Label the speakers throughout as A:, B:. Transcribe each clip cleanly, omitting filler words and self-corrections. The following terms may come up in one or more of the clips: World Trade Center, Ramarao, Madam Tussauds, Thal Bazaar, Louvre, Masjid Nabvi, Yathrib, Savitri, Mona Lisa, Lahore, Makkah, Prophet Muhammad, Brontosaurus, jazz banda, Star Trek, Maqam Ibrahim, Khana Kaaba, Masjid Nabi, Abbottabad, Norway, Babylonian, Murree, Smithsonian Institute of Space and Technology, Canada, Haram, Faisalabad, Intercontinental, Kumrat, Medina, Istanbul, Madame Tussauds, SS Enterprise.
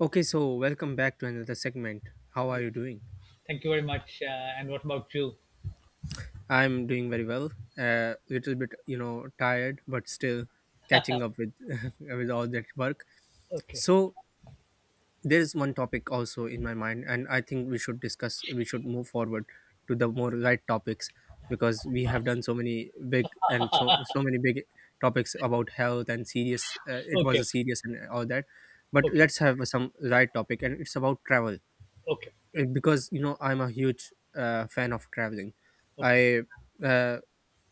A: Okay, so welcome back to another segment. How are
B: Yeah.
A: you doing?
B: Thank you very much. And what about you?
A: I'm doing very well. A little bit, you know, tired, but still catching up with with all that work.
B: Okay.
A: So there is one topic also in my mind, and I think we should discuss. We should move forward to the more light topics because we have done so many big and so many big topics about health and serious. It was a
B: Okay,
A: serious and all that, but
B: okay,
A: let's have some light topic, and it's about travel
B: okay,
A: because you know I'm a huge fan of traveling.
B: okay,
A: I uh,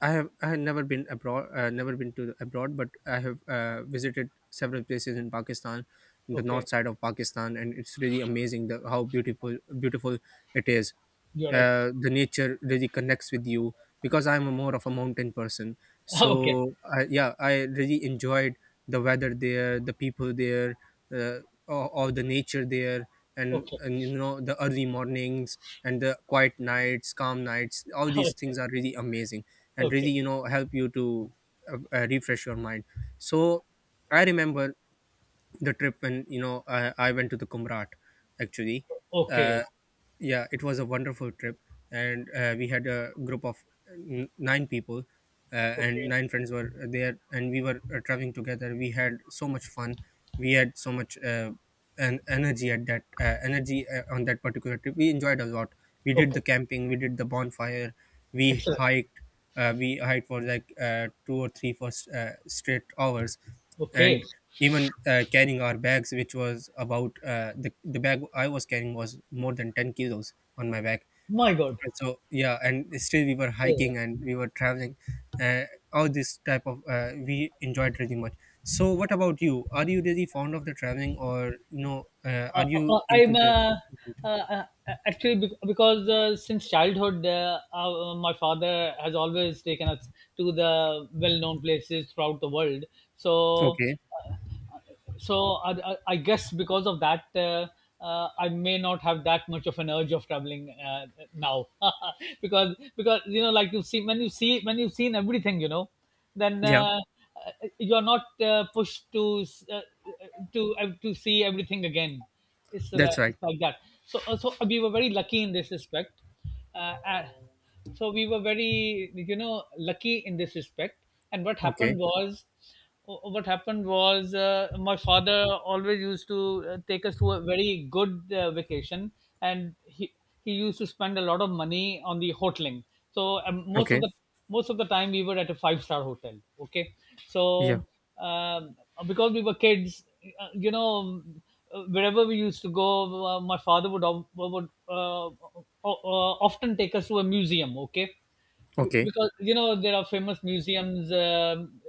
A: I have never been abroad, never been to abroad, but I have visited several places in Pakistan, in the north
B: okay.
A: side of Pakistan, and it's really amazing the how beautiful it is.
B: You're right.
A: The nature really connects with you because I'm a more of a mountain person.
B: Okay,
A: So yeah, I really enjoyed the weather there, the people there, uh, all the nature there and,
B: okay,
A: and you know the early mornings and the quiet nights calm nights, all these
B: okay,
A: things are really amazing and really
B: okay,
A: you know help you to refresh your mind. So I remember the trip when you know I went to the Kumrat actually.
B: okay,
A: uh, yeah, it was a wonderful trip and we had a group of nine people. And
B: okay,
A: nine friends were there and we were traveling together. We had so much fun. We had so much an energy at that energy on that particular trip. We enjoyed a lot. We did
B: okay.
A: the camping, we did the bonfire, we
B: Excellent.
A: hiked. We hiked for like two or three for straight hours,
B: Okay.
A: and even carrying our bags, which was about the bag I was carrying was more than 10 kilos on my back.
B: My God.
A: So yeah, and still we were
B: Yeah.
A: hiking and we were traveling. Uh, all this type of we enjoyed really much. So what about you? Are you really fond of the traveling, or you know, are you into
B: I'm
A: the?
B: uh, uh, Actually, because since childhood, my father has always taken us to the well-known places throughout the world. So
A: Okay,
B: so I guess because of that, I may not have that much of an urge of traveling now. Because, you know, like you see when you've seen everything, you know, then
A: yeah,
B: you are not pushed to see everything again. It's, uh,
A: that's right.
B: it's like that. So we were very lucky in this respect. Uh, uh, so we were very, lucky in this respect. And
A: Okay,
B: what happened was, my father always used to take us to a very good vacation, and he used to spend a lot of money on the hoteling. So
A: okay,
B: most of the time we were at a five-star hotel. Okay.
A: yeah,
B: So um, because we were kids, uh, you know wherever we used to go, my father would often take us to a museum. Okay. be-
A: okay,
B: because you know, there are famous museums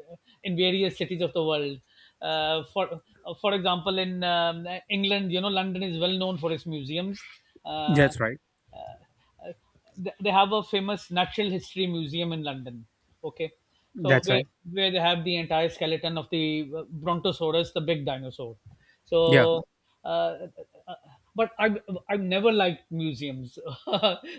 B: in various cities of the world. Uh, for for example, in England, you know, London is well known for its museums. uh,
A: that's right,
B: they have a famous natural history museum in London. Okay, so
A: that's
B: where
A: right.
B: where they have the entire skeleton of the Brontosaurus, the big dinosaur.
A: Yeah,
B: So, uh, uh, uh, but I've never liked museums,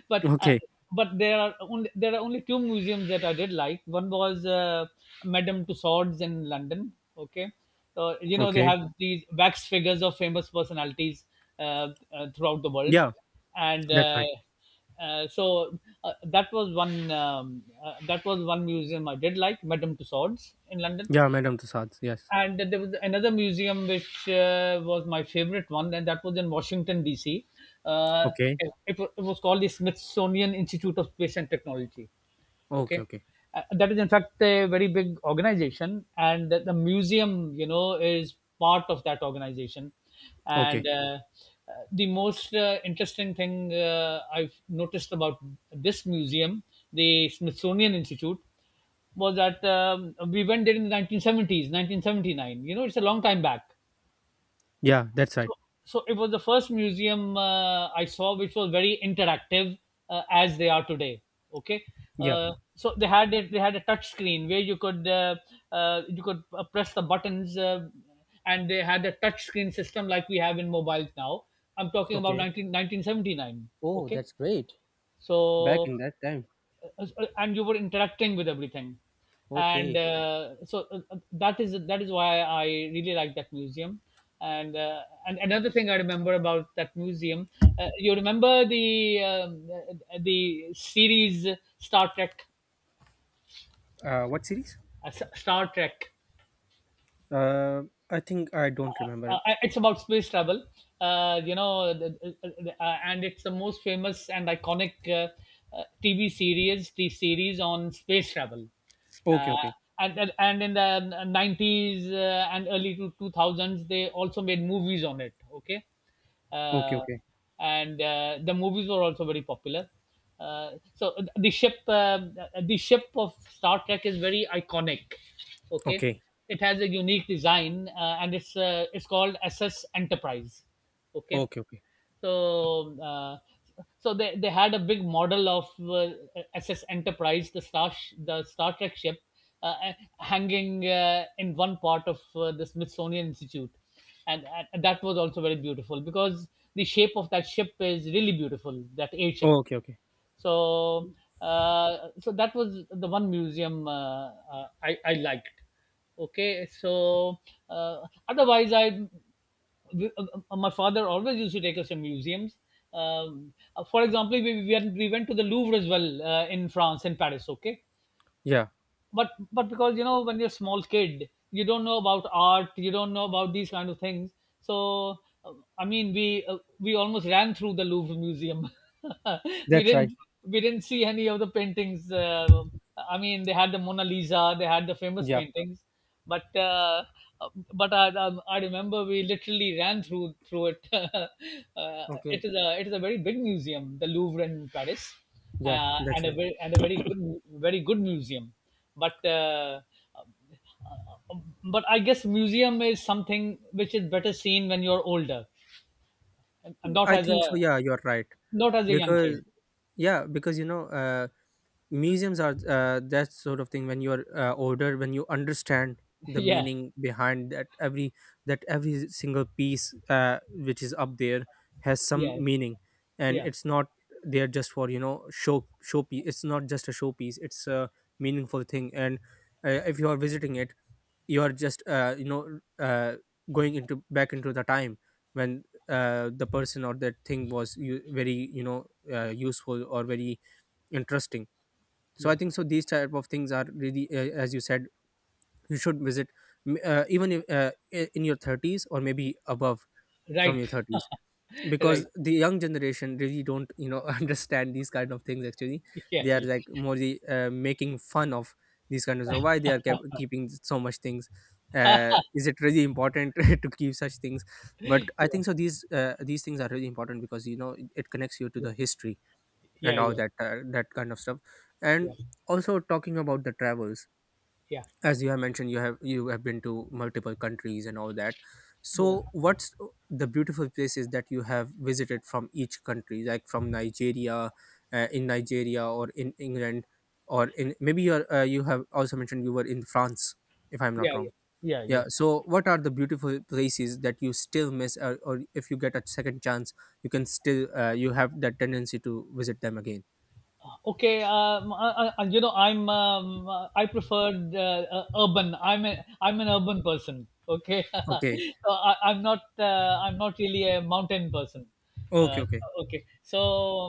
B: but. Uh,
A: okay,
B: but there are only two museums that I did like. One was Madame Tussauds in London. Okay. So you know they
A: okay,
B: have these wax figures of famous personalities throughout the world,
A: yeah,
B: and
A: that's right.
B: that was one museum I did like, Madame Tussauds in London.
A: Yeah, Madam Tussauds. Yes.
B: And there was another museum which was my favorite one, and that was in Washington DC. uh,
A: Okay.
B: it was called the Smithsonian Institute of Space and Technology.
A: Okay.
B: Okay.
A: Okay.
B: That is in fact a very big organization, and the museum, you know, is part of that organization. and
A: Okay.
B: uh, uh, the most interesting thing I've noticed about this museum, the Smithsonian Institute, was that, we went there in the 1970s, 1979, you know. It's a long time back.
A: Yeah, that's right.
B: So so it was the first museum I saw, which was very interactive, as they are today. Okay.
A: Yeah.
B: So they had a touch screen where you could press the buttons, and they had a touch screen system like we have in mobiles now. I'm talking about
A: Okay.
B: 1979.
A: Oh,
B: Okay.
A: that's great. Back
B: so
A: in that time.
B: uh, and you were interacting with everything. and
A: Okay.
B: uh, so uh, uh, that is why I really like that museum. And and another thing I remember about that museum, you remember the series Star Trek?
A: What series?
B: uh, Star Trek.
A: Uh, I think I don't remember.
B: It's about space travel. And it's the most famous and iconic TV series, the series on space travel.
A: Okay,
B: uh,
A: okay,
B: and, and and in the 90s, and early to 2000s, they also made movies on it. Okay.
A: okay,
B: uh,
A: okay,
B: and The movies were also very popular. So the ship of Star Trek is very iconic. Okay,
A: okay,
B: it has a unique design, and it's called SS Enterprise. Okay.
A: okay, okay,
B: So, uh, so they had a big model of, SS Enterprise, the Star Trek ship, uh, uh, hanging in one part of the Smithsonian Institute, and, and that was also very beautiful because the shape of that ship is really beautiful. That airship.
A: okay, okay.
B: So uh, so that was the one museum I liked. Okay. Uh, otherwise I my father always used to take us to museums. For example, we went to the Louvre as well, in France, in Paris, okay?
A: Yeah,
B: But because, you know, when you're a small kid, you don't know about art, you don't know about these kind of things. So, uh, I mean, we almost ran through the Louvre Museum. we
A: that's right.
B: didn't we didn't see any of the paintings. I mean, they had the Mona Lisa, they had the famous
A: Yeah,
B: paintings, but uh, but I remember we literally ran through it. It
A: okay,
B: is a it is a very big museum, the Louvre in Paris,
A: yeah, that's
B: and a
A: right.
B: very and a very good very good museum. But uh, uh, but I guess museum is something which is better seen when you're older, and
A: I think so. Yeah, you're right.
B: not as a young kid.
A: Because yeah, because you know, museums are that sort of thing when you're older, when you understand the
B: Yeah,
A: meaning behind that every single piece which is up there has some
B: yeah,
A: meaning, and
B: yeah,
A: it's not there just for you know showpiece. It's not just a showpiece, it's a meaningful thing. And if you are visiting it, you are just going into back into the time when the person or that thing was very you know useful or very interesting. So I
B: yeah.
A: think so these type of things are really as you said, you should visit even if, in your 30s or maybe above, from your
B: Right.
A: 30s,
B: Right.
A: because the young generation really don't you know understand these kind of things actually.
B: Yeah,
A: They are
B: yeah,
A: like more making fun of these kind of so why they are kept keeping so much things. Is it really important to keep such things? But I think so
B: yeah,
A: these things are really important because you know it connects you to
B: yeah,
A: the history
B: yeah,
A: and all
B: yeah, yeah,
A: that that kind of stuff. And
B: yeah,
A: also talking about the travels,
B: yeah,
A: as you have mentioned, you have been to multiple countries and all that.
B: yeah,
A: So what's the beautiful places that you have visited from each country, like from Nigeria, in Nigeria or in England, or in maybe you have also mentioned you were in France, if I'm not
B: yeah,
A: wrong?
B: yeah,
A: Yeah,
B: yeah.
A: so what are the beautiful places that you still miss, or if you get a second chance, you can still you have that tendency to visit them again?
B: Okay. I prefer, urban. I'm an urban person. Okay.
A: Okay.
B: So I'm not really a mountain person.
A: Okay,
B: uh,
A: okay.
B: okay. so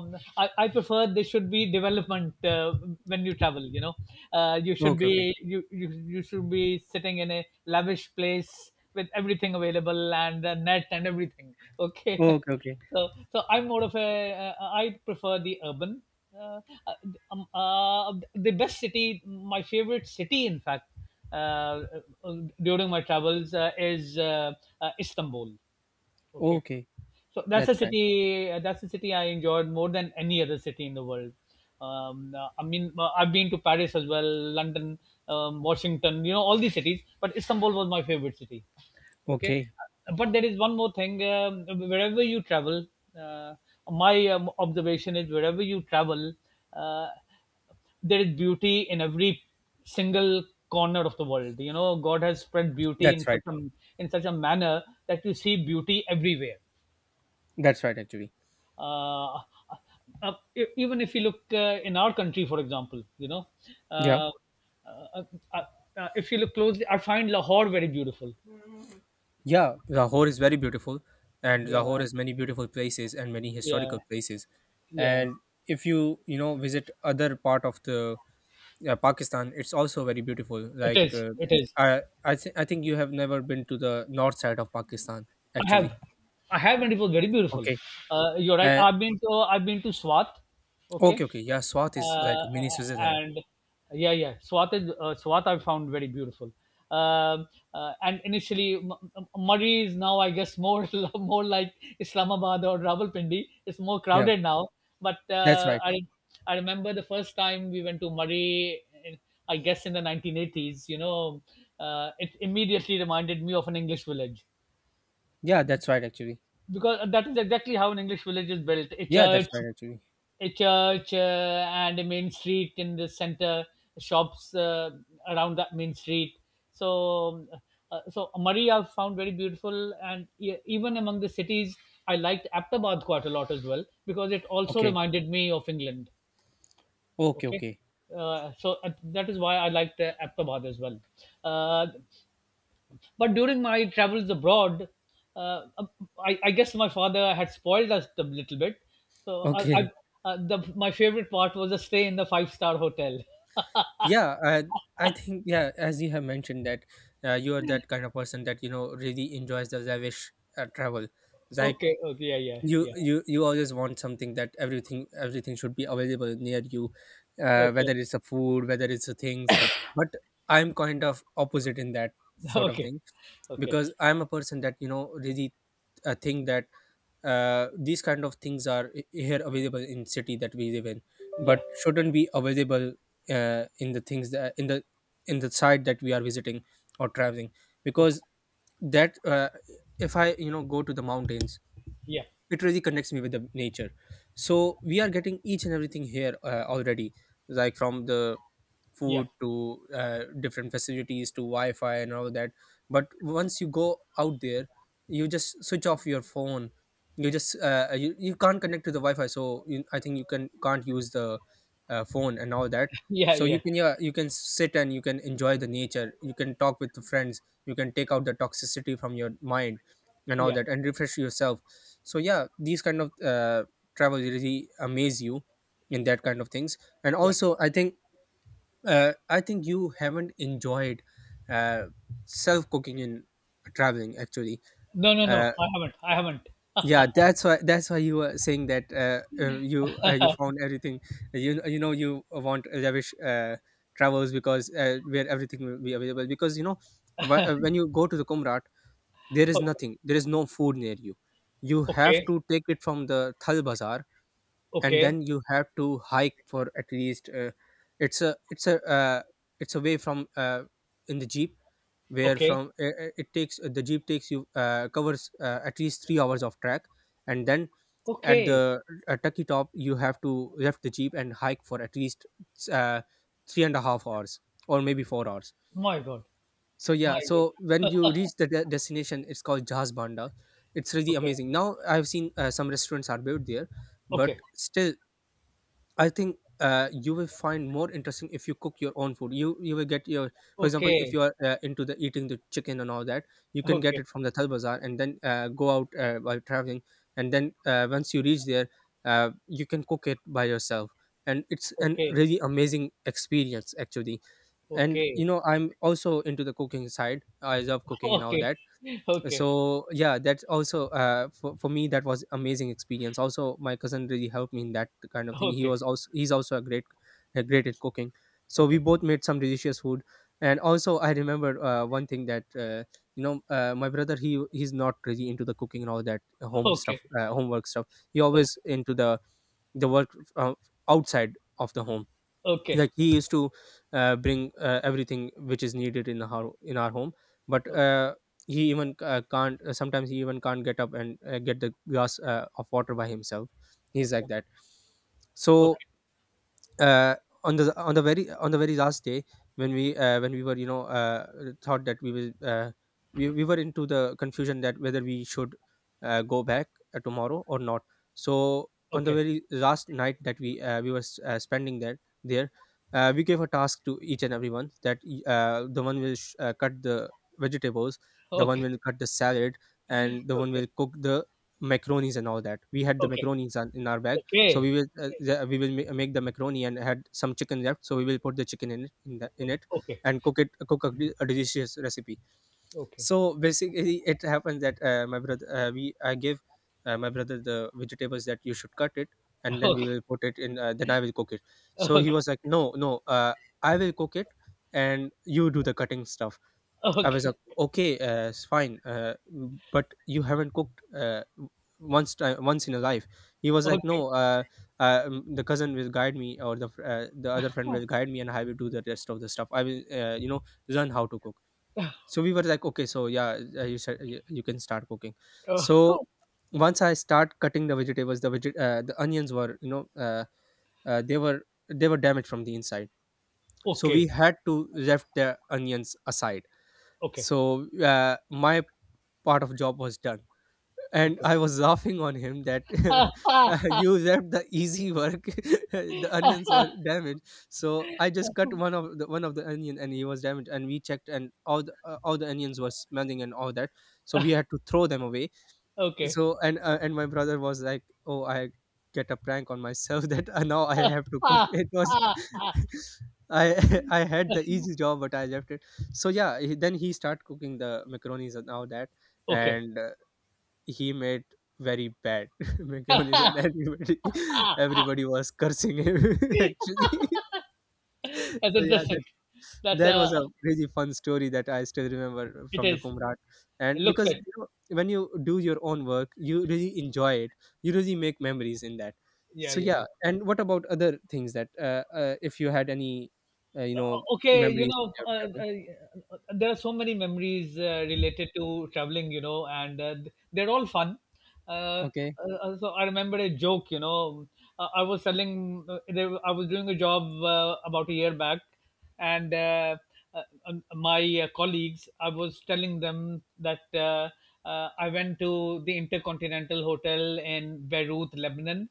B: um, I prefer there should be development, when you travel, you know. uh, you should
A: Okay, okay.
B: be you, you you should be sitting in a lavish place with everything available and a net and everything. Okay.
A: Okay, okay.
B: So I'm more of a I prefer the urban. uh, the best city, my favorite city, in fact, uh, uh, during my travels, is, Istanbul. Okay.
A: Okay. That's right.
B: That's a city I enjoyed more than any other city in the world. I mean, I've been to Paris as well, London, Washington. You know, all these cities. But Istanbul was my favorite city. Okay.
A: Okay.
B: But there is one more thing. Uh, my observation is wherever you travel, Uh, there is beauty in every single corner of the world. You know, God has spread beauty
A: That's
B: in
A: right.
B: such a, manner, that you see beauty everywhere.
A: That's right actually.
B: uh, Even if you look, in our country for example, you know, uh,
A: Yeah.
B: uh, uh, if you look closely, I find Lahore very beautiful.
A: Yeah. Lahore is very beautiful, and
B: Yeah,
A: Lahore has many beautiful places and many historical
B: yeah,
A: places.
B: yeah.
A: And if you, you know, visit other part of the Pakistan, it's also very beautiful.
B: it
A: Like
B: is it is
A: I think you have never been to the north side of Pakistan
B: I
A: actually.
B: have, I have, and it was very beautiful.
A: Okay.
B: You're right.
A: Uh,
B: I've been to Swat.
A: okay,
B: Okay.
A: okay. Yeah, Swat is like
B: uh,
A: mini Switzerland.
B: and Yeah, yeah, Swat I found very beautiful. Um and initially, Murray is now, I guess, more more like Islamabad or Rawalpindi. It's more
A: Yeah.
B: crowded now, but
A: That's right.
B: I remember the first time we went to Murray, I guess in the 1980s, you know. It immediately reminded me of an English village,
A: Yeah, that's right actually.
B: because that is exactly how an English village is built. A
A: Yeah, that's
B: church,
A: right actually.
B: a church, uh, and a main street in the center, shops around that main street. So, so Murray I found very beautiful, and even among the cities, I liked Aptabad quite a lot as well because it also
A: Okay.
B: reminded me of England.
A: Okay,
B: Okay.
A: okay.
B: That is why I liked, Aptabad as well. Uh, but during my travels abroad, uh, I guess my father had spoiled us a little bit. So I, I,
A: Okay.
B: uh, the, my favorite part was a stay in the five-star hotel.
A: Yeah, I think yeah, as you have mentioned that you are that kind of person that you know really enjoys the lavish travel. Like
B: Okay. Okay. Yeah. Yeah.
A: you always want something that everything should be available near you,
B: Yeah. Okay.
A: whether it's the food, whether it's the things. But I'm kind of opposite in that sort of
B: Okay.
A: thing,
B: Okay.
A: because I'm a person that you know really think that these kind of things are here available in city that we live in, but
B: Yeah.
A: shouldn't be available uh, in the things that in the in the site that we are visiting or traveling,
B: Okay.
A: because that if I you know go to the mountains,
B: Yeah.
A: it really connects me with the nature. So we are getting each and everything here already, like from the
B: Yeah.
A: food to different facilities to wi-fi and all that, but once you go out there, you just switch off your phone, you just you can't connect to the wi-fi, so I think you can't use the phone and all that.
B: Yeah.
A: So you
B: Yeah.
A: can, yeah, you can sit and you can enjoy the nature, you can talk with the friends, you can take out the toxicity from your mind and all
B: Yeah.
A: that, and refresh yourself. So yeah, these kind of travel really amaze you in that kind of things. And
B: Yeah.
A: also I think I think you haven't enjoyed uh, self cooking in traveling actually.
B: No, no, no,
A: uh,
B: I haven't, I haven't.
A: yeah, that's why you were saying that you found everything. You know you want lavish travels because where everything will be available, because you know when you go to the Kumrat, there is nothing there is no food near you. You have
B: Okay.
A: to take it from the Thal Bazaar and
B: Okay.
A: then you have to hike for at least it's a it's a uh, it's away from in the jeep, where
B: Okay. Okay.
A: from it takes the jeep takes you covers at least 3 hours of track, and then at
B: Okay.
A: the tucky top you have to left the jeep and hike for at least uh, three and a half hours or maybe 4 hours.
B: My God.
A: So
B: My
A: yeah,
B: God.
A: so when you reach the destination, it's called Jazz Banda. It's really
B: Okay.
A: amazing now. I've seen some restaurants are built there, but
B: Okay.
A: still I think you will find more interesting if you cook your own food. You will get your, for example, if
B: Okay.
A: you are into the eating the chicken and all that, you can get
B: Okay.
A: it from the Thal Bazaar and then go out while traveling, and then once you reach there, you can cook it by yourself, and it's an
B: Okay.
A: really amazing experience actually. And
B: Okay.
A: you know, I'm also into the cooking side. I love cooking and all
B: Okay.
A: that.
B: Okay.
A: So yeah, that's also for me that was amazing experience. Also, my cousin really helped me in that kind of thing.
B: Okay.
A: He's also a great at cooking. So we
B: Okay.
A: both made some delicious food. And also I remember one thing that my brother he's not really into the cooking and all that home
B: Okay.
A: stuff, homework stuff. He always into the work outside of the home.
B: Okay. Okay.
A: Like he used to bring everything which is needed in our home. But he even can't sometimes he even can't get up and get the glass of water by himself. He's
B: Okay.
A: like that. So uh, on the very last day, when we were, thought that we were into the confusion that whether we should go back tomorrow or not. So on the
B: Okay. Okay. Okay.
A: very last night that we were spending there, we gave a task to each and everyone that the one will cut the vegetables, the one
B: Okay. Okay.
A: will cut the salad,
B: Okay. Okay.
A: and the one
B: Okay.
A: will cook the macaronis and all that. We had the macaronis in our bag. So we will make the macaroni and had some chicken left. So we will put the chicken in it
B: Okay.
A: and cook a delicious recipe. So basically, it happens that my brother we I give my brother the vegetables that you should cut it, and then we will put it in. Then I will cook it. So he was like, no, no, I will cook it, and you do the cutting stuff.
B: Okay.
A: I was like,
B: Okay.
A: okay, it's fine, but you haven't cooked once in a life. He was like,
B: Okay.
A: no, the cousin will guide me, or the other friend will guide me, and I will do the rest of the stuff. I will, learn how to cook. So we were like, okay, so yeah, you said you can start cooking. So
B: Oh,
A: once I start cutting the vegetables, the onions were, uh, they were they were damaged from the inside. So we
B: okay.
A: had to left the onions aside,
B: Okay.
A: so my part of job was done, and
B: Okay.
A: I was laughing on him that you left the easy work the onions were damaged, so I just cut one of the onion and he was damaged, and we checked, and all the onions were smelling and all that. So we had to throw them away.
B: Okay.
A: And my brother was like, oh, I get a prank on myself that now I have to cook. It was I I had the easy job, but I left it. So yeah, then he started cooking the macaronis and all that,
B: Okay.
A: and he made very bad macaronis, and everybody everybody was cursing him actually
B: That's
A: so yeah,
B: interesting. That's
A: that was a really fun story that I still remember
B: It
A: from the
B: is.
A: Kumrat.
B: It
A: And
B: looks
A: because,
B: like
A: you know, when you do your own work, you really enjoy it. You really make memories in that.
B: Yeah,
A: So
B: yeah,
A: yeah.
B: yeah.
A: And what about other things that if you had any, uh, you know,
B: okay you
A: memories
B: know
A: from your
B: uh,
A: travel?
B: uh, there are so many memories related to traveling, and they're all fun. uh,
A: Okay.
B: so I remember a joke. I was doing a job, about a year back, and uh, um, my colleagues, I was telling them that, I went to the Intercontinental Hotel in Beirut, Lebanon.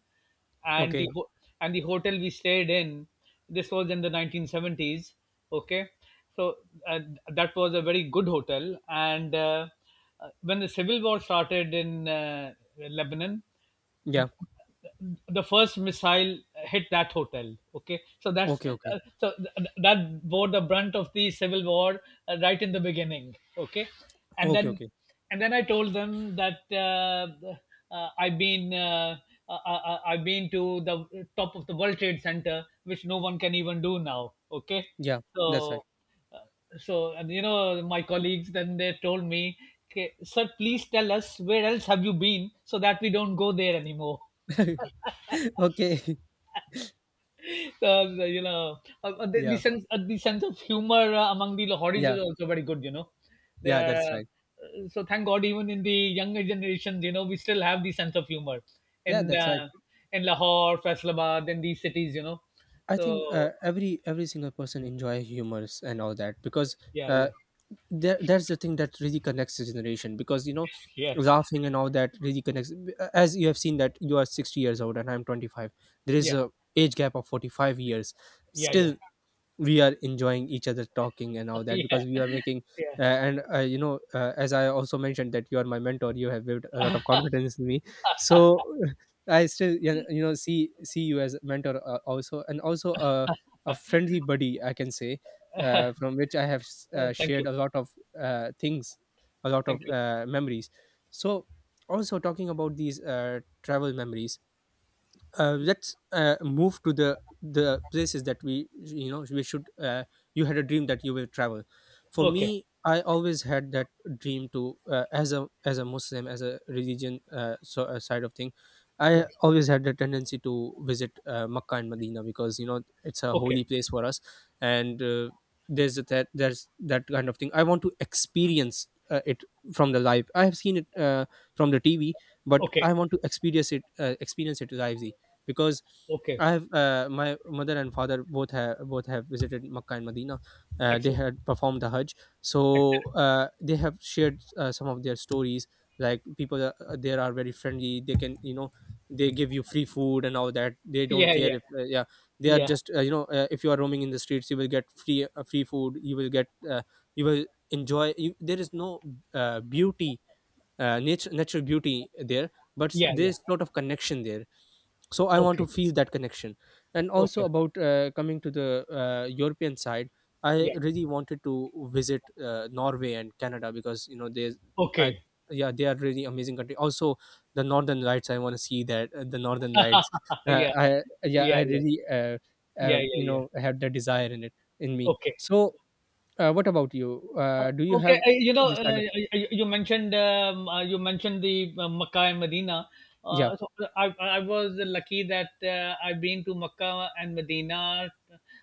B: and the
A: Okay.
B: ho- and the hotel we stayed in, this was in the 1970s. Okay, so uh, that was a very good hotel, and when the civil war started in Lebanon,
A: Yeah.
B: the first missile hit that hotel. Okay, so
A: Okay. Okay.
B: that bore the brunt of the civil war, right in the beginning. Okay, and
A: Okay.
B: then
A: Okay.
B: and then I told them that, I've been, I've been to the top of the World Trade Center, which no one can even do now. Okay,
A: Yeah. That's right.
B: so so, my colleagues then, they told me, "Okay, sir, please tell us where else have you been so that we don't go there anymore."
A: Okay.
B: So,
A: Yeah.
B: the sense of humor among the Lahoris
A: Yeah.
B: is also very good. You know, they
A: Yeah.
B: are,
A: That's right.
B: so, thank God, even in the younger generations, you know, we still have the sense of humor
A: Yeah.
B: in
A: That's right.
B: uh, in Lahore, Faisalabad, in these cities. You know,
A: I think
B: so
A: every single person enjoy humors and all that, because
B: yeah,
A: uh,
B: yeah,
A: there that's the thing that really connects the generation because, you know,
B: yeah,
A: laughing and all that really connects. As you have seen that you are 60 years old and I'm 25, there is
B: yeah,
A: a age gap of 45 years.
B: yeah,
A: Still,
B: yeah.
A: we are enjoying each other talking and all that,
B: Yeah,
A: because we are making
B: yeah.
A: and as I also mentioned that you are my mentor, you have built a lot of confidence in me. So I still, see you as a mentor also, and also a friendly buddy, I can say, from which I have
B: Thank you,
A: shared a lot of things, a lot
B: thank
A: of
B: you.
A: memories. So also talking about these travel memories, let's move to the places that we, you know, we should. You had a dream that you will travel. For
B: Okay.
A: me, I always had that dream to, as a Muslim, as a religion, side of thing, I
B: Yeah.
A: always had the tendency to visit Makkah and Medina because, you know, it's a
B: Okay.
A: holy place for us. And there's that kind of thing I want to experience it. From the live I have seen it, from the TV, but
B: Okay.
A: I want to experience it lively, because
B: Okay.
A: I have my mother and father both have visited Makkah and Medina. They
B: Excellent.
A: had performed the Hajj, so
B: Excellent.
A: they have shared some of their stories. Like there are very friendly. They can, you know, they give you free food and all that. They don't
B: Yeah.
A: care
B: Yeah.
A: if yeah, they are
B: Yeah.
A: just, if you are roaming in the streets, you will get free food. You will get, you will enjoy. There is no beauty nature natural beauty there, but
B: Yeah. Yeah.
A: there's lot of connection there, so I want to
B: Okay.
A: feel that connection. And also
B: Okay.
A: about coming to the European side, I
B: Yeah.
A: really wanted to visit Norway and Canada, because, you know, there's I
B: Okay.
A: yeah, they are really amazing country also. The northern lights, I want to see that, the northern lights.
B: Yeah.
A: I Yeah,
B: Yeah.
A: I
B: Yeah.
A: really,
B: Yeah. Yeah. Yeah.
A: have that desire in me.
B: Okay.
A: So what about you? Do you
B: Okay.
A: have this kind of?
B: You mentioned, you mentioned the, Makkah and Medina.
A: Yeah,
B: So, I was lucky that, I've been to Makkah and Medina,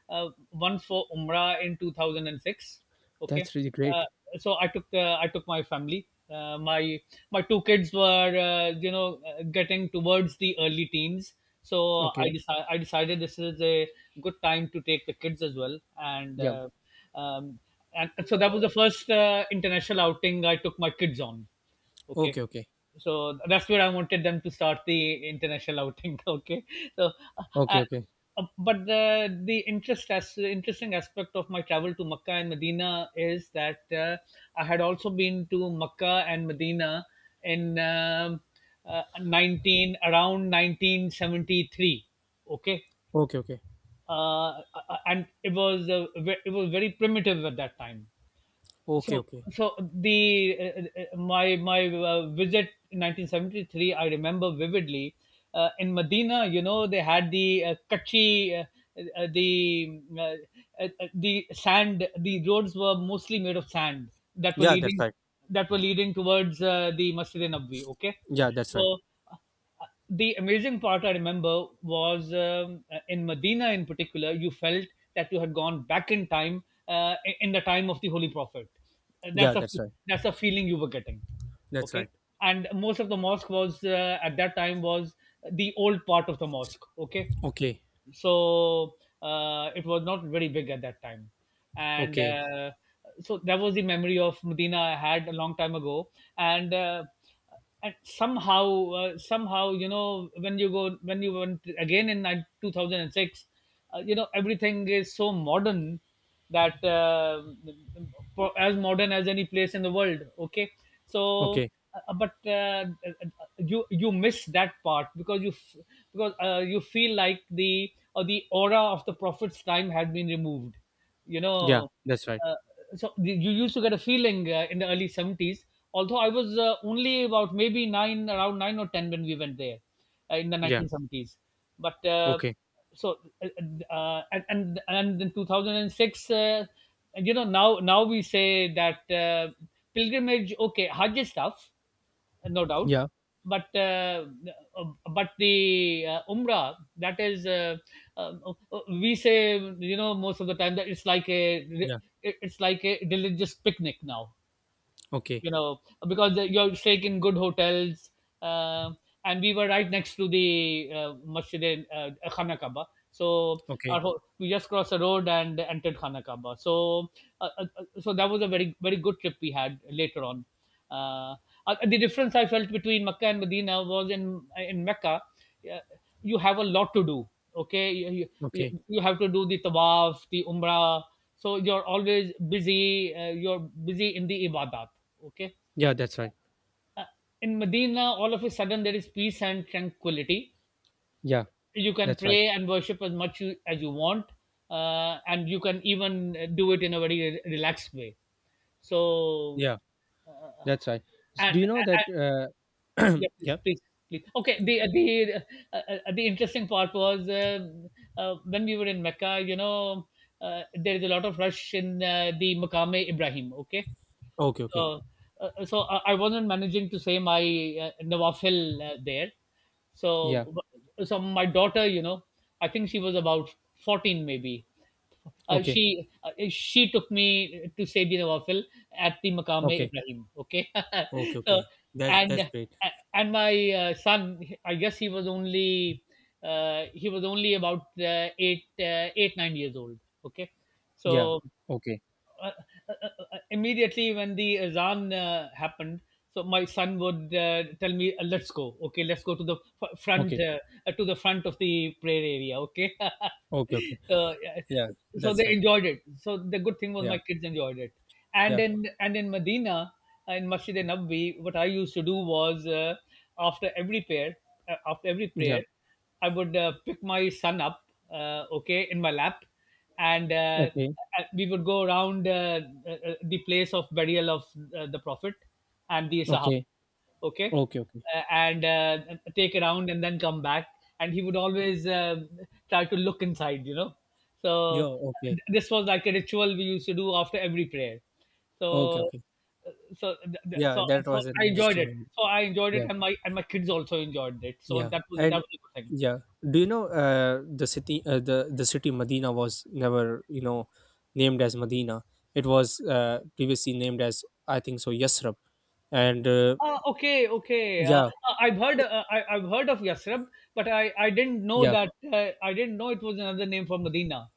B: once for Umrah in 2006. Okay.
A: that's really
B: Uh,
A: great.
B: uh, so I took, I took my family. My two kids were, getting towards the early teens, so I
A: Okay.
B: decided I decided this is a good time to take the kids as well,
A: Yeah.
B: um, and and so that was the first international outing I took my kids on. Okay,
A: Okay. Okay.
B: so that's where I wanted them to start the international outing. Okay, so,
A: Okay.
B: uh,
A: Okay.
B: but the interesting aspect of my travel to Makkah and Medina is that, I had also been to Makkah and Medina in nineteen around 1973. Okay,
A: Okay.
B: and it was, it was very primitive at that time.
A: Okay.
B: So,
A: Okay.
B: so the my my visit in 1973 I remember vividly. In Medina, you know, they had the, kachi, uh, the uh, uh, the sand, the roads were mostly made of sand that were
A: Yeah, that's right.
B: leading towards the Masjid Nabvi. Okay,
A: Yeah, that's right.
B: so the amazing part I remember was, in Medina in particular, you felt that you had gone back in time, in the time of the Holy Prophet. Uh,
A: Yeah,
B: That's a
A: that's right.
B: that's a feeling you were getting.
A: That's
B: Okay,
A: right.
B: and most of the mosque was, at that time, was the old part of the mosque. Okay,
A: Okay.
B: so it was not very big at that time, and
A: Okay.
B: uh, so that was the memory of Medina I had a long time ago. And uh, and somehow, you know, when you went again in 2006, you know, everything is so modern that, as modern as any place in the world. Okay, so,
A: Okay.
B: but you miss that part, because you feel like the, the aura of the Prophet's time had been removed, you
A: Yeah,
B: know
A: that's right.
B: uh, so you used to get a feeling, in the early 70s. Although I was, only about maybe 9 or 10 when we went there, in the
A: Yeah.
B: 1970s. But,
A: Okay.
B: so, and in 2006, you know, now we say that, pilgrimage, okay, Hajj is tough, no doubt,
A: Yeah.
B: but uh, uh, but the, Umrah, that is, uh, we say, you know, most of the time, that it's like a,
A: Yeah.
B: it's like a religious picnic now,
A: Okay.
B: you know, because you're staying in good hotels. Uh, and we were right next to the, Masjid Khana Kaaba. So,
A: Okay.
B: we just crossed the road and entered Khana Kaaba. So, so that was a very, very good trip we had later on. Uh, the difference I felt between Mecca and Medina was, in Mecca, uh, you have a lot to do. Okay,
A: Okay.
B: you have to do the tawaf, the umrah, so you're always busy, you're busy in the ibadat. Okay.
A: Yeah, that's right.
B: Uh, in Medina, all of a sudden, there is peace and tranquility.
A: Yeah,
B: You can
A: that's right.
B: pray and worship as much, you, as you want, and you can even, do it in a very, relaxed way. So,
A: Yeah, that's right. Do you know that?
B: and yeah,
A: Yeah.
B: please, please, please. Okay, the, uh, the interesting part was, when we were in Mecca, you know, there is a lot of rush in, the Maqam Ibrahim. Okay,
A: Okay. Okay.
B: so, I wasn't managing to say my, nawafil, there.
A: Yeah.
B: So, so my daughter, you know, I think she was about 14 maybe.
A: Okay.
B: She took me to say the nawafil at the Maqam
A: Okay.
B: Ibrahim. Okay.
A: Okay.
B: So,
A: Okay. That's
B: and
A: great.
B: and my, son, I guess he was only, about, eight nine years old. Okay,
A: Yeah.
B: so,
A: Okay.
B: uh, uh, uh, immediately when the azan, happened, so my son would, tell me, "Let's go, okay, let's go to the, f- front
A: Okay.
B: to the front of the prayer area." Okay.
A: Okay. Okay.
B: So yeah,
A: Yeah.
B: so
A: That's
B: they
A: right.
B: enjoyed it. So the good thing was,
A: Yeah.
B: my kids enjoyed it. and
A: Yeah.
B: in and in Medina, in Masjid e Nabi, what I used to do was, after every prayer, uh, after every
A: Yeah.
B: prayer, I would, pick my son up, okay, in my lap, and uh,
A: Okay.
B: uh, we would go around, the place of burial of, the Prophet and the Sahaba.
A: Okay.
B: Okay,
A: Okay. Okay.
B: and take a round and then come back. And he would always, try to look inside, you know.
A: Yeah.
B: So
A: Okay.
B: this was like a ritual we used to do after every prayer.
A: Okay.
B: So,
A: Okay.
B: so
A: Yeah, that was an
B: I enjoyed
A: interesting
B: it,
A: one.
B: so i enjoyed it
A: Yeah,
B: and my and my kids also enjoyed it, so
A: yeah,
B: that was,
A: and
B: a good thing.
A: yeah. Do you know the city? The city Medina was never, you know, named as Medina. It was previously named as, I think so, Yasrib, and
B: Okay, okay.
A: yeah,
B: I've heard, I've heard of Yathrib, but, I didn't know
A: yeah,
B: that, I didn't know it was another name for Medina.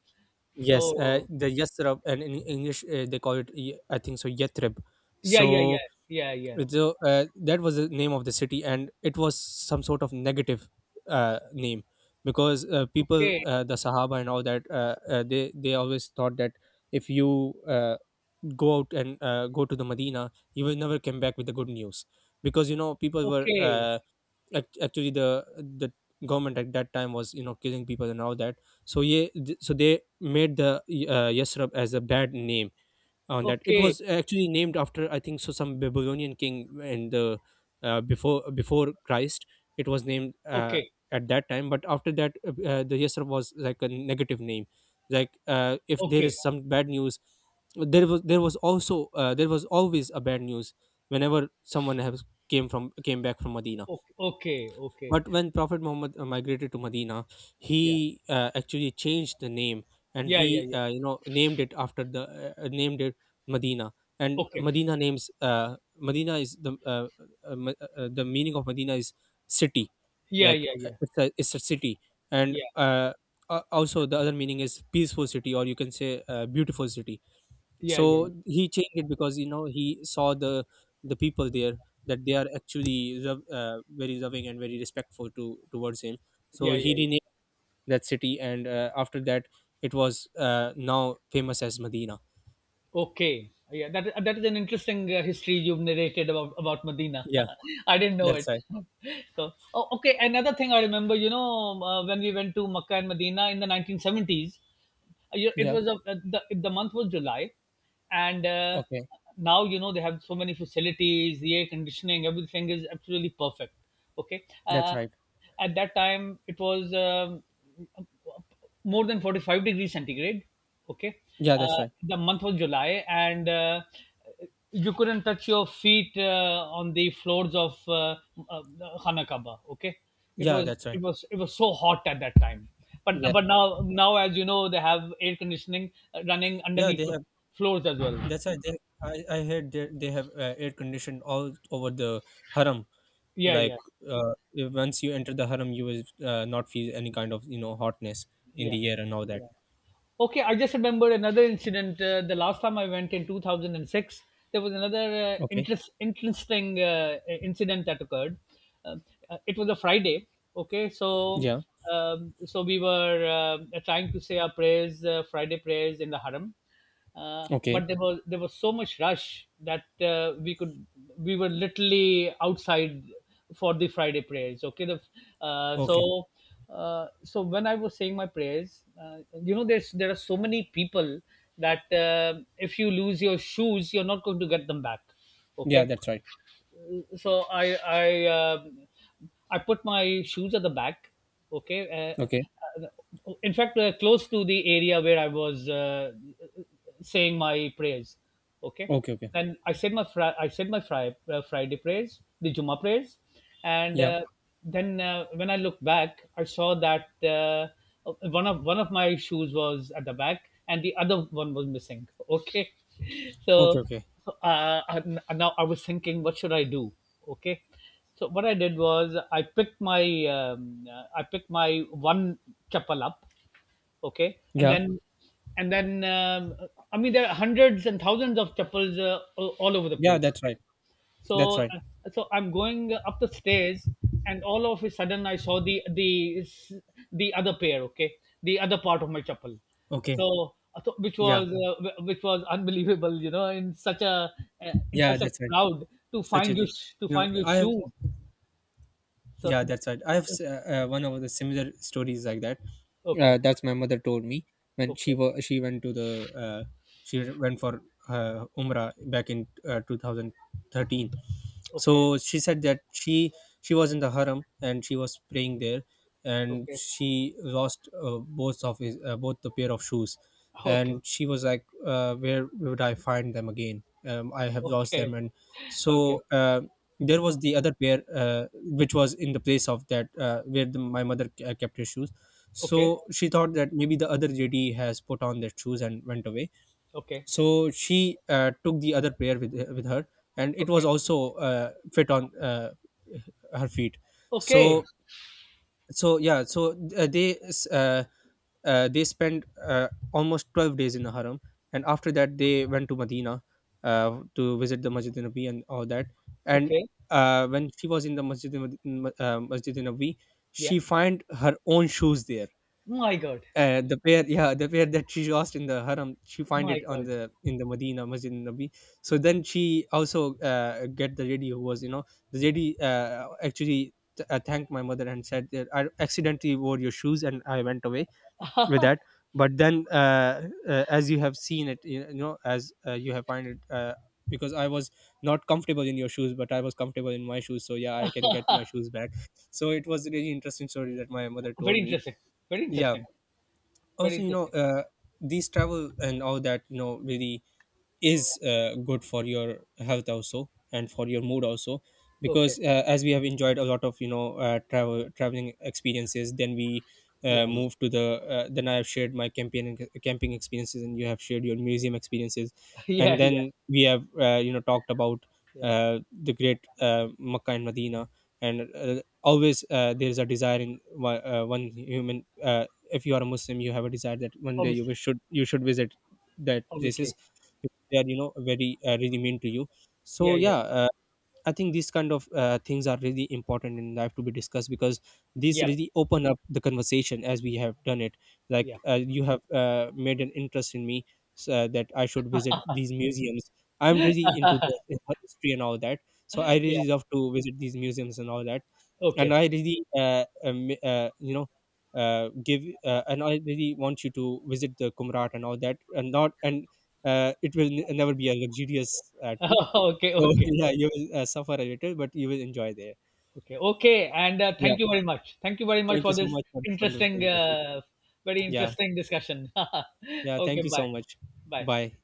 A: yes.
B: So
A: The Yasrib, and in English they call it I think so Yathrib.
B: yeah, yeah, yeah,
A: So
B: yeah, yeah.
A: so that was the name of the city, and it was some sort of negative name because people
B: Okay,
A: the Sahaba and all that, they always thought that if you go out and go to the Medina you will never come back with the good news, because, you know,
B: okay,
A: actually the government at that time was, you know, killing people and all that. So yeah, so they made the Yasrab as a bad name on that. It
B: okay,
A: was actually named after, I think so, some Babylonian king in the, before Christ. It was named
B: okay,
A: at that time, but after that, the Yasser was like a negative name. Like if there
B: okay,
A: is some bad news, there was always a bad news whenever someone has came back from Medina.
B: okay, okay, okay.
A: But when Prophet Muhammad migrated to Medina,
B: Yeah,
A: he actually changed the name, and
B: yeah, yeah,
A: he,
B: yeah.
A: named it Medina. And
B: Okay,
A: Medina is the the meaning of Medina is city.
B: yeah,
A: Like
B: yeah, yeah,
A: it's a city. And
B: yeah,
A: also the other meaning is peaceful city, or you can say beautiful city,
B: yeah, yeah, yeah,
A: so he changed it because, you know, he saw the people there, that they are actually very loving and very respectful to towards him. So
B: yeah,
A: he
B: yeah. Yeah.
A: renamed that city, and after that it was now famous as Medina.
B: Okay, yeah. That is an interesting, history you've narrated about Medina.
A: Yeah,
B: I didn't know
A: that's
B: it.
A: right.
B: So, oh, okay. Another thing I remember, you know, when we went to Makkah and Medina in the 1970s, you, it
A: Yeah.
B: was a, the month was July, and
A: Okay,
B: now you know they have so many facilities, the air conditioning, everything is absolutely perfect. Okay,
A: that's right.
B: at that time it was, more than 45 degrees centigrade. Okay,
A: Yeah, that's right.
B: the month was July, and you couldn't touch your feet, on the floors of, uh, Hanakaba. Okay, it
A: Yeah,
B: was,
A: that's right.
B: it was so hot at that time. But
A: Yeah.
B: but now, as you know, they have air conditioning, running
A: Yeah,
B: underneath
A: they
B: the
A: have.
B: floors as well.
A: That's right. They i i heard they have air conditioned all over the haram,
B: Yeah,
A: like,
B: yeah,
A: once you enter the haram, you will not feel any kind of, you know, hotness in
B: yeah,
A: the air and all that.
B: yeah. Okay, I just remembered another incident. The last time I went in 2006, there was another,
A: Okay.
B: interesting, incident that occurred. Um, it was a Friday. Okay, so,
A: Yeah.
B: so we were, trying to say our prayers, Friday prayers in the Haram,
A: Okay.
B: but there was so much rush that, we were literally outside for the Friday prayers. Okay,
A: Okay.
B: so, so when I was saying my prayers, you know, there are so many people that, if you lose your shoes you're not going to get them back.
A: Yeah,
B: Okay,
A: that's right.
B: so, I put my shoes at the back. Okay. Uh,
A: Okay.
B: in fact, close to the area where I was, saying my prayers. Okay.
A: Okay. Okay.
B: Then, I said my fri- I said my fri- Friday prayers, the Juma prayers, and
A: Yeah.
B: then when I looked back, I saw that, uh, one of my shoes was at the back and the other one was missing. Okay,
A: Okay.
B: so,
A: Okay.
B: and now I was thinking, what should I do? Okay, so what I did was, I picked my, one chappal up. Okay, and
A: Yeah.
B: then and then um, I mean, there are hundreds and thousands of chappals, all over the
A: Yeah,
B: place.
A: that's right. That's
B: So,
A: right.
B: so I'm going up the stairs, and all of a sudden I saw the, other pair. Okay, the other part of my chapel.
A: Okay.
B: So, so which
A: Yeah.
B: was, which was unbelievable. You know, in such a,
A: Yeah, that's right.
B: crowd, to
A: Such
B: find
A: as,
B: your,
A: you know, I have—
B: shoes. So,
A: yeah, that's right, I have one of the similar stories like that.
B: okay,
A: That's my mother told me. When
B: okay,
A: she went to the, uh, she went for umrah back in 2013.
B: okay,
A: So she said that she was in the haram and she was praying there, and
B: okay,
A: she lost both the pair of shoes.
B: okay,
A: And she was like, where would I find them again? I have lost
B: okay,
A: them. And
B: okay,
A: so there was the other pair, which was in the place of that where my mother kept her shoes.
B: okay,
A: So she thought that maybe the other lady has put on their shoes and went away,
B: okay,
A: so she took the other player with her, and it was
B: okay,
A: also fit on her feet.
B: okay,
A: so yeah, so uh, they s- uh, they spent almost 12 days in the harem, and after that they went to Medina to visit the Masjid Nabi and all that. And
B: okay.
A: when she was in the Masjid Nabi, uh, masjid nabi
B: Yeah.
A: she find her own shoes there.
B: My God.
A: The pair, yeah, the pair that she lost in the haram, she find
B: My
A: it on
B: God.
A: the in the Medina Masjid Nabi. So then she also get the lady who was, you know, the lady actually thanked my mother and said that I accidentally wore your shoes and I went away with that. But then, as you have seen it, you know, as you have find it, because I was not comfortable in your shoes, but I was comfortable in my shoes. So yeah, I can get my shoes back. So it was a really interesting story that my mother told
B: Very
A: me.
B: interesting. Very
A: Yeah,
B: interesting. Very
A: also, you know,
B: interesting.
A: these travel and all that, you know, really is good for your health also and for your mood also,
B: Okay.
A: because as we have enjoyed a lot of, traveling experiences, then we
B: Yeah.
A: move to the, then I have shared my camping experiences, and you have shared your museum experiences, and
B: Yeah. Yeah.
A: then we have, talked about
B: Yeah.
A: the great Makkah and Medina. And always, there is a desire in one human. If you are a Muslim, you have a desire that one day you
B: Obviously.
A: wish should you should visit that places.
B: Obviously.
A: They are, you know, very— really mean to you. So
B: Yeah. Yeah.
A: yeah, I think these kind of things are really important in life to be discussed, because these
B: Yeah.
A: really open up the conversation as we have done it.
B: Yeah.
A: Like you have made an interest in me so that I should visit these museums. I'm really into the history and all that, so I
B: Yeah.
A: really love to visit these museums and all that. And
B: Okay.
A: I really, give and I really want you to visit the Kumrat and all that, and not and it will never be a luxurious trip,
B: Okay.
A: so
B: Okay.
A: yeah, you will suffer a little, but you will enjoy there.
B: Okay. Okay. And
A: Yeah.
B: thank you very much. Thank you very much
A: Thank you
B: for
A: so
B: this
A: much for this wonderful
B: interesting,
A: conversation.
B: very
A: Yeah,
B: interesting discussion.
A: yeah. Thank
B: Okay.
A: you so
B: Bye.
A: much.
B: Bye.
A: Bye.